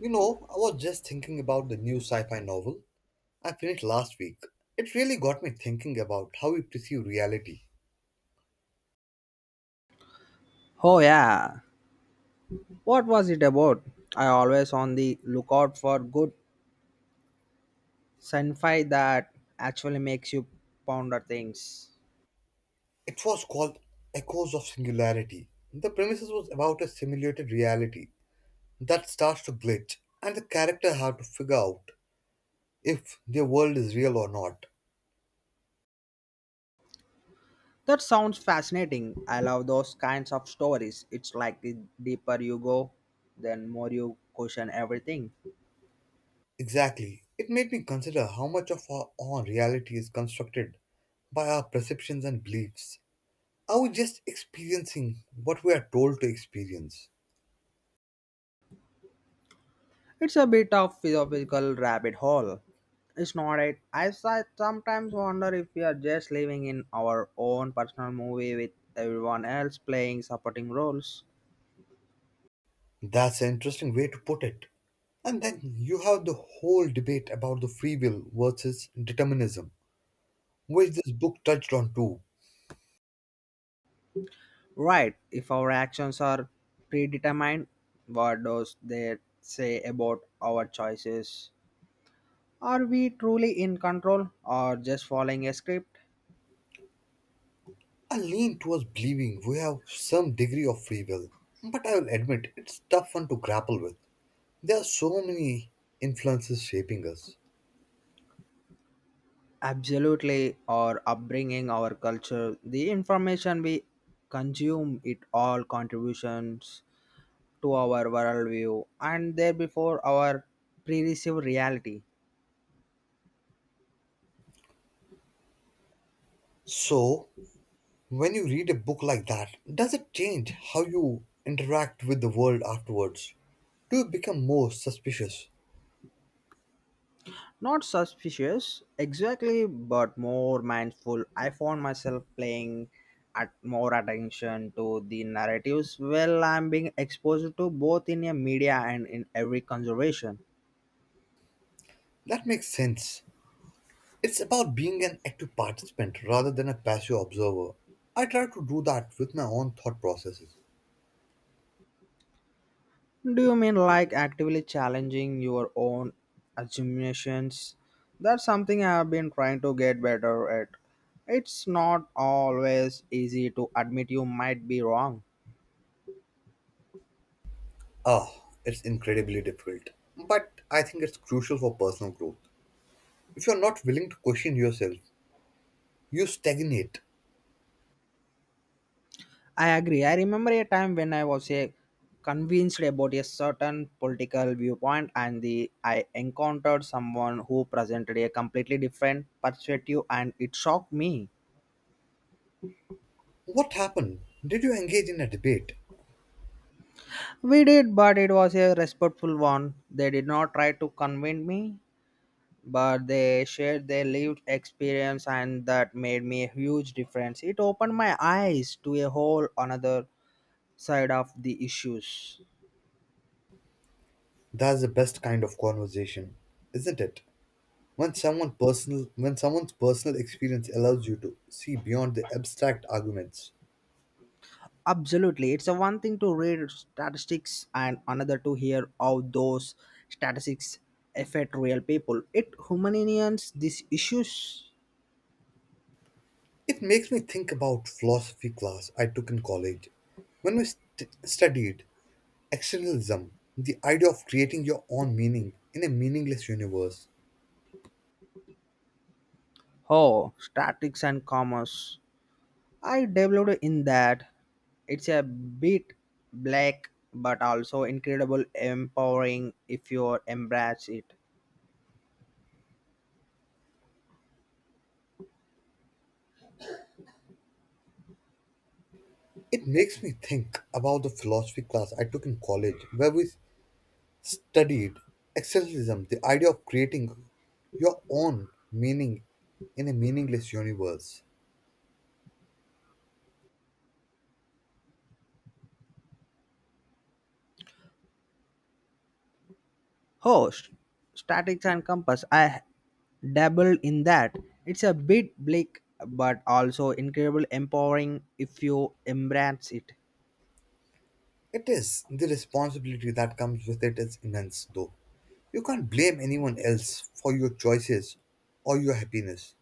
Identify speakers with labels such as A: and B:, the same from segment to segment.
A: You know, I was just thinking about the new sci fi novel I finished last week. It really got me thinking about how we perceive reality.
B: Oh yeah. What was it about? I always on the lookout for good sci-fi that actually makes you ponder things.
A: It was called Echoes of Singularity. The premises was about a simulated reality that starts to glitch, and the character had to figure out if their world is real or not.
B: That sounds fascinating. I love those kinds of stories. It's like the deeper you go, then more you question everything.
A: Exactly. It made me consider how much of our own reality is constructed by our perceptions and beliefs. Are we just experiencing what we are told to experience?
B: It's a bit of philosophical rabbit hole. It's not it. I sometimes wonder if we are just living in our own personal movie with everyone else playing supporting roles.
A: That's an interesting way to put it. And then you have the whole debate about the free will versus determinism, which this book touched on too.
B: Right. If our actions are predetermined, what does that say about our choices? Are we truly in control or just following a script?
A: I lean towards believing we have some degree of free will, but I will admit it's tough one to grapple with. There are so many influences shaping us.
B: Absolutely. Our upbringing, our culture, the information we consume, it all contributions to our worldview and therefore our pre-received reality.
A: So, when you read a book like that, does it change how you interact with the world afterwards? Do you become more suspicious?
B: Not suspicious exactly, but more mindful. I found myself playing at more attention to the narratives well I'm being exposed to both in a media and in every conservation.
A: That makes sense. It's about being an active participant rather than a passive observer. I try to do that with my own thought processes.
B: Do you mean like actively challenging your own assumptions? That's something I have been trying to get better at. It's not always easy to admit you might be wrong.
A: Ah, it's incredibly difficult. But I think it's crucial for personal growth. If you're not willing to question yourself, you stagnate.
B: I agree. I remember a time when I was a convinced about a certain political viewpoint and the I encountered someone who presented a completely different perspective and it shocked me.
A: What happened? Did you engage in a debate?
B: We did, but it was a respectful one. They did not try to convince me, but they shared their lived experience and that made me a huge difference. It opened my eyes to a whole another side of the issues.
A: That's the best kind of conversation, isn't it? When someone's personal experience allows you to see beyond the abstract arguments.
B: Absolutely. It's a one thing to read statistics and another to hear how those statistics affect real people. It humanians these issues.
A: It makes me think about philosophy class I took in college. When we st- studied externalism, the idea of creating your own meaning in a meaningless universe,
B: Oh, statistics and commerce. I developed in that. It's a bit black but also incredible empowering if you embrace it.
A: it makes me think about the philosophy class I took in college where we studied existentialism, the idea of creating your own meaning in a meaningless universe.
B: Oh, statics and compass. I dabbled in that. It's a bit bleak, but also incredibly empowering if you embrace it.
A: It is the responsibility that comes with it is immense though. You can't blame anyone else for your choices or your happiness.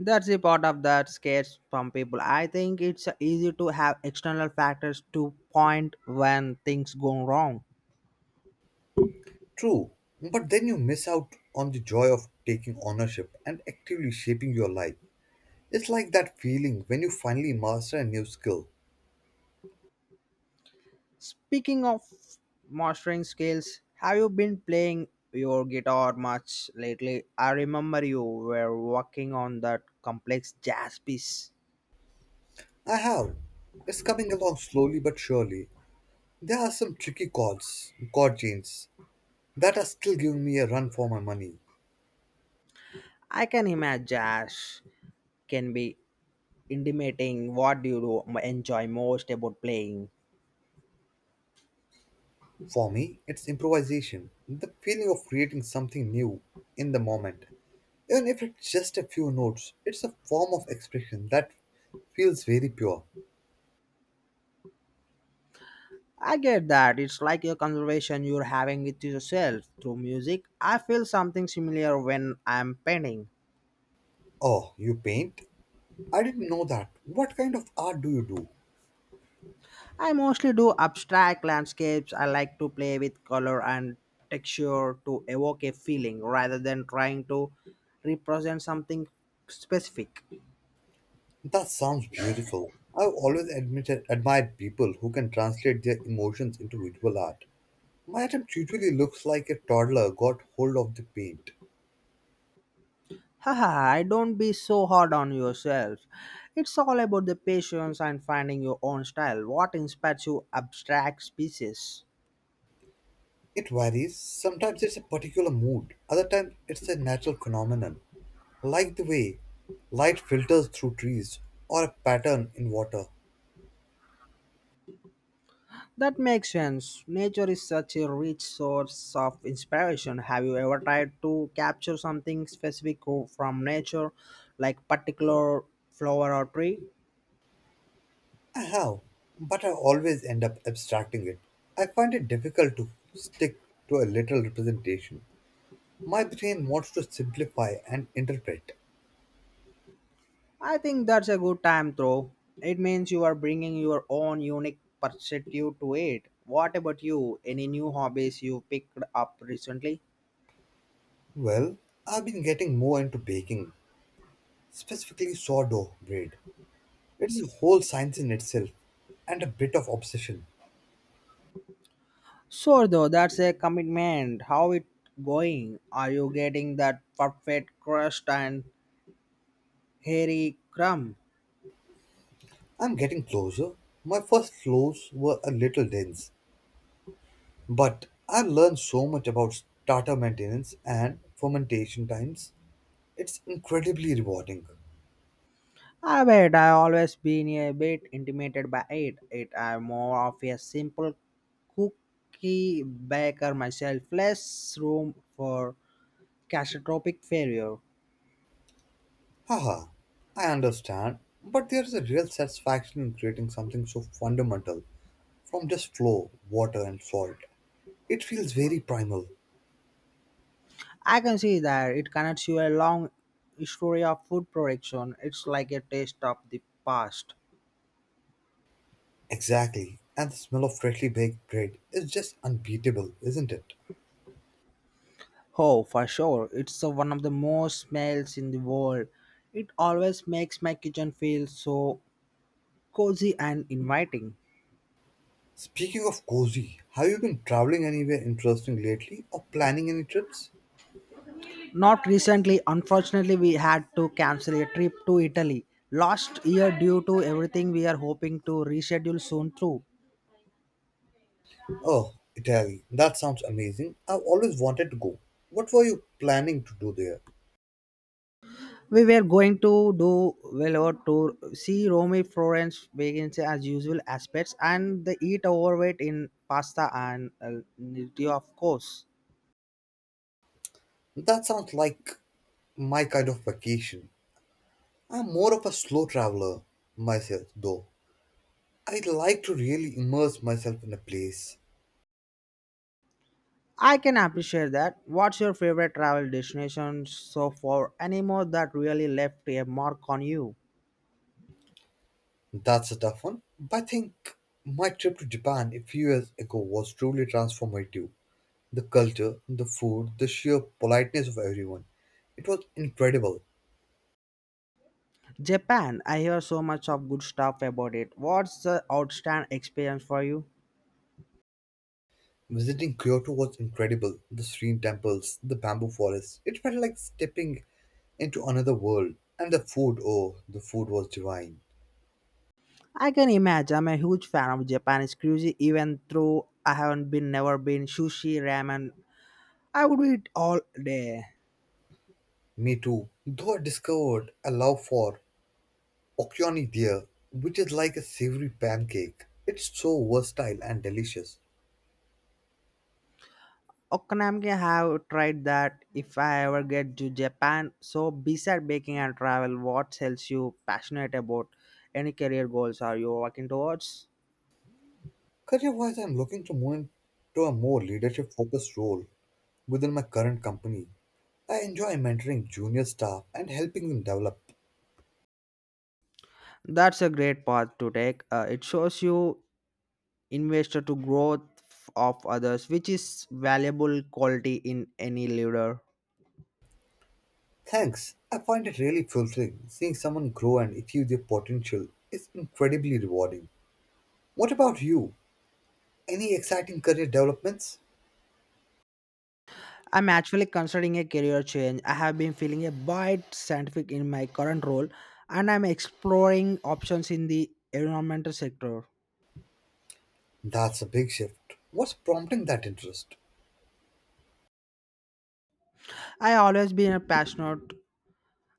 B: That's the part of that scares some people. I think it's easy to have external factors to point when things go wrong.
A: True, but then you miss out on the joy of taking ownership and actively shaping your life. It's like that feeling when you finally master a new skill.
B: Speaking of mastering skills, have you been playing your guitar much lately? I remember you were working on that complex jazz piece.
A: I have. It's coming along slowly but surely. There are some chord changes that are still giving me a run for my money.
B: I can imagine jazz can be intimating. What do you enjoy most about playing?
A: For me, it's improvisation, the feeling of creating something new in the moment. Even if it's just a few notes, it's a form of expression that feels very pure.
B: I get that. It's like a conversation you're having with yourself through music. I feel something similar when I'm painting.
A: Oh, you paint? I didn't know that. What kind of art do you do?
B: I mostly do abstract landscapes. I like to play with color and texture to evoke a feeling rather than trying to represent something specific.
A: That sounds beautiful. I've always admired people who can translate their emotions into visual art. My attempt usually looks like a toddler got hold of the paint.
B: Haha, I don't be so hard on yourself. It's all about the patience and finding your own style. What inspires you abstract species?
A: It varies. Sometimes it's a particular mood, other times it's a natural phenomenon, like the way light filters through trees or a pattern in water.
B: That makes sense. Nature is such a rich source of inspiration. Have you ever tried to capture something specific from nature, like particular flower or tree?
A: I have, but I always end up abstracting it. I find it difficult to stick to a literal representation. My brain wants to simplify and interpret.
B: I think that's a good time though. It means you are bringing your own unique perspective to it. What about you? Any new hobbies you picked up recently?
A: Well, I've been getting more into baking, specifically sourdough bread. It's a whole science in itself and a bit of obsession.
B: Sure, though, that's a commitment. How it going? Are you getting that perfect crust and hairy crumb?
A: I'm getting closer. My first loaves were a little dense, but I learned so much about starter maintenance and fermentation times. It's incredibly rewarding.
B: I bet I always been a bit intimidated by it. It I'm more of a simple cookie baker myself, less room for catastrophic failure.
A: Haha, I understand, but there is a real satisfaction in creating something so fundamental from just flour, water, and salt. It feels very primal.
B: I can see that it connects you a long history of food production. It's like a taste of the past.
A: Exactly. And the smell of freshly baked bread is just unbeatable, isn't it?
B: Oh, for sure. It's one of the most smells in the world. It always makes my kitchen feel so cozy and inviting.
A: Speaking of cozy, have you been traveling anywhere interesting lately or planning any trips?
B: Not recently, unfortunately, we had to cancel a trip to Italy last year due to everything we are hoping to reschedule soon too.
A: Oh, Italy. That sounds amazing. I've always wanted to go. What were you planning to do there?
B: We were going to do Velour tour, see Rome, Florence, Venice as usual aspects, and the eat overweight in pasta and nutty, of course.
A: That sounds like my kind of vacation. I'm more of a slow traveler myself, though. I like to really immerse myself in a place.
B: I can appreciate that. What's your favorite travel destination so far? Any more that really left a mark on you?
A: That's a tough one. But I think my trip to Japan a few years ago was truly transformative. The culture, the food, the sheer politeness of everyone. It was incredible.
B: Japan. I hear so much of good stuff about it. What's the outstanding experience for you?
A: Visiting Kyoto was incredible. The serene temples, the bamboo forests. It felt like stepping into another world. And the food, oh, the food was divine.
B: I can imagine. I'm a huge fan of Japanese cuisine, even though I haven't been never been sushi, ramen. I would eat all day.
A: Me too. Though I discovered a love for okyoni there, which is like a savory pancake. It's so versatile and delicious.
B: Okonomiyaki have tried that if I ever get to Japan. So beside baking and travel, what else you passionate about? Any career goals are you working towards?
A: Career wise, I'm looking to move into a more leadership focused role within my current company. I enjoy mentoring junior staff and helping them develop.
B: That's a great path to take. It shows you investor to growth of others, which is valuable quality in any leader.
A: Thanks. I find it really fulfilling. Seeing someone grow and achieve their potential is incredibly rewarding. What about you? Any exciting career developments?
B: I'm actually considering a career change. I have been feeling a bit scientific in my current role, and I'm exploring options in the environmental sector.
A: That's a big shift. What's prompting that interest?
B: I always been a passionate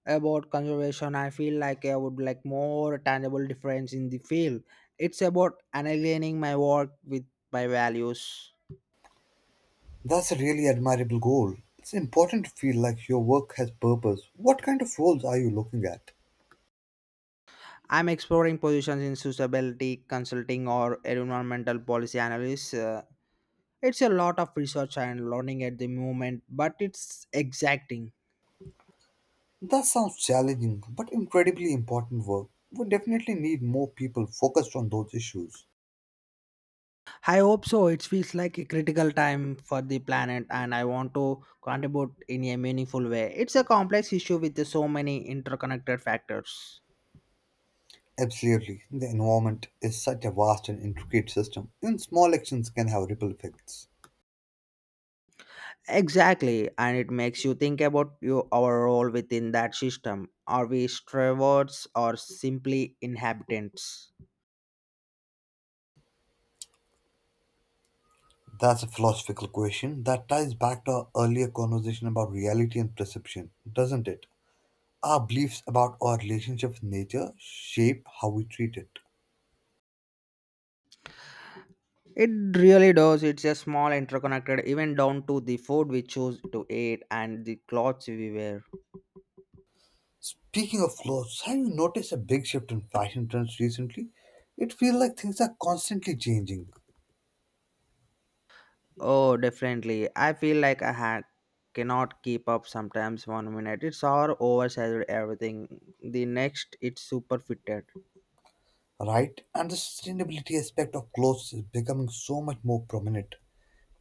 B: about conservation. I feel like I would like more tangible difference in the field. It's about aligning my work with my values.
A: That's a really admirable goal. It's important to feel like your work has purpose. What kind of roles are you looking at?
B: I'm exploring positions in sustainability consulting or environmental policy analysis. It's a lot of research and learning at the moment, but it's exacting.
A: That sounds challenging, but incredibly important work. We definitely need more people focused on those issues.
B: I hope so. It feels like a critical time for the planet, and I want to contribute in a meaningful way. It's a complex issue with so many interconnected factors.
A: Absolutely, the environment is such a vast and intricate system, and small actions can have ripple effects.
B: Exactly, and it makes you think about you, our role within that system. Are we stewards or simply inhabitants?
A: That's a philosophical question that ties back to our earlier conversation about reality and perception, doesn't it? Our beliefs about our relationship with nature shape how we treat it.
B: It really does. It's a small interconnected, even down to the food we choose to eat and the clothes we wear.
A: Speaking of flaws, have you noticed a big shift in fashion trends recently? It feels like things are constantly changing.
B: Oh, definitely. I feel like I had cannot keep up sometimes one minute it's all oversized everything the next it's super fitted.
A: Right? And the sustainability aspect of clothes is becoming so much more prominent.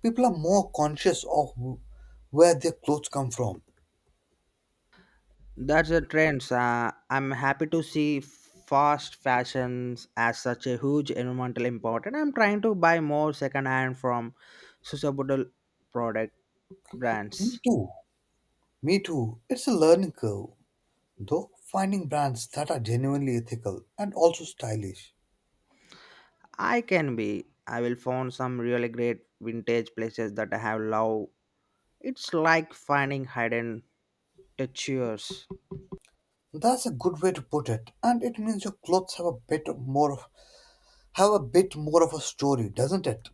A: People are more conscious of where their clothes come from.
B: That's the trends, I'm happy to see fast fashions as such a huge environmental important. I'm trying to buy more second hand from sustainable product brands.
A: Me too. Me too. It's a learning curve, though, finding brands that are genuinely ethical and also stylish.
B: I can be I will find some really great vintage places that I have loved. It's like finding hidden treasures.
A: That's a good way to put it, and it means your clothes have a bit more of a story, doesn't it?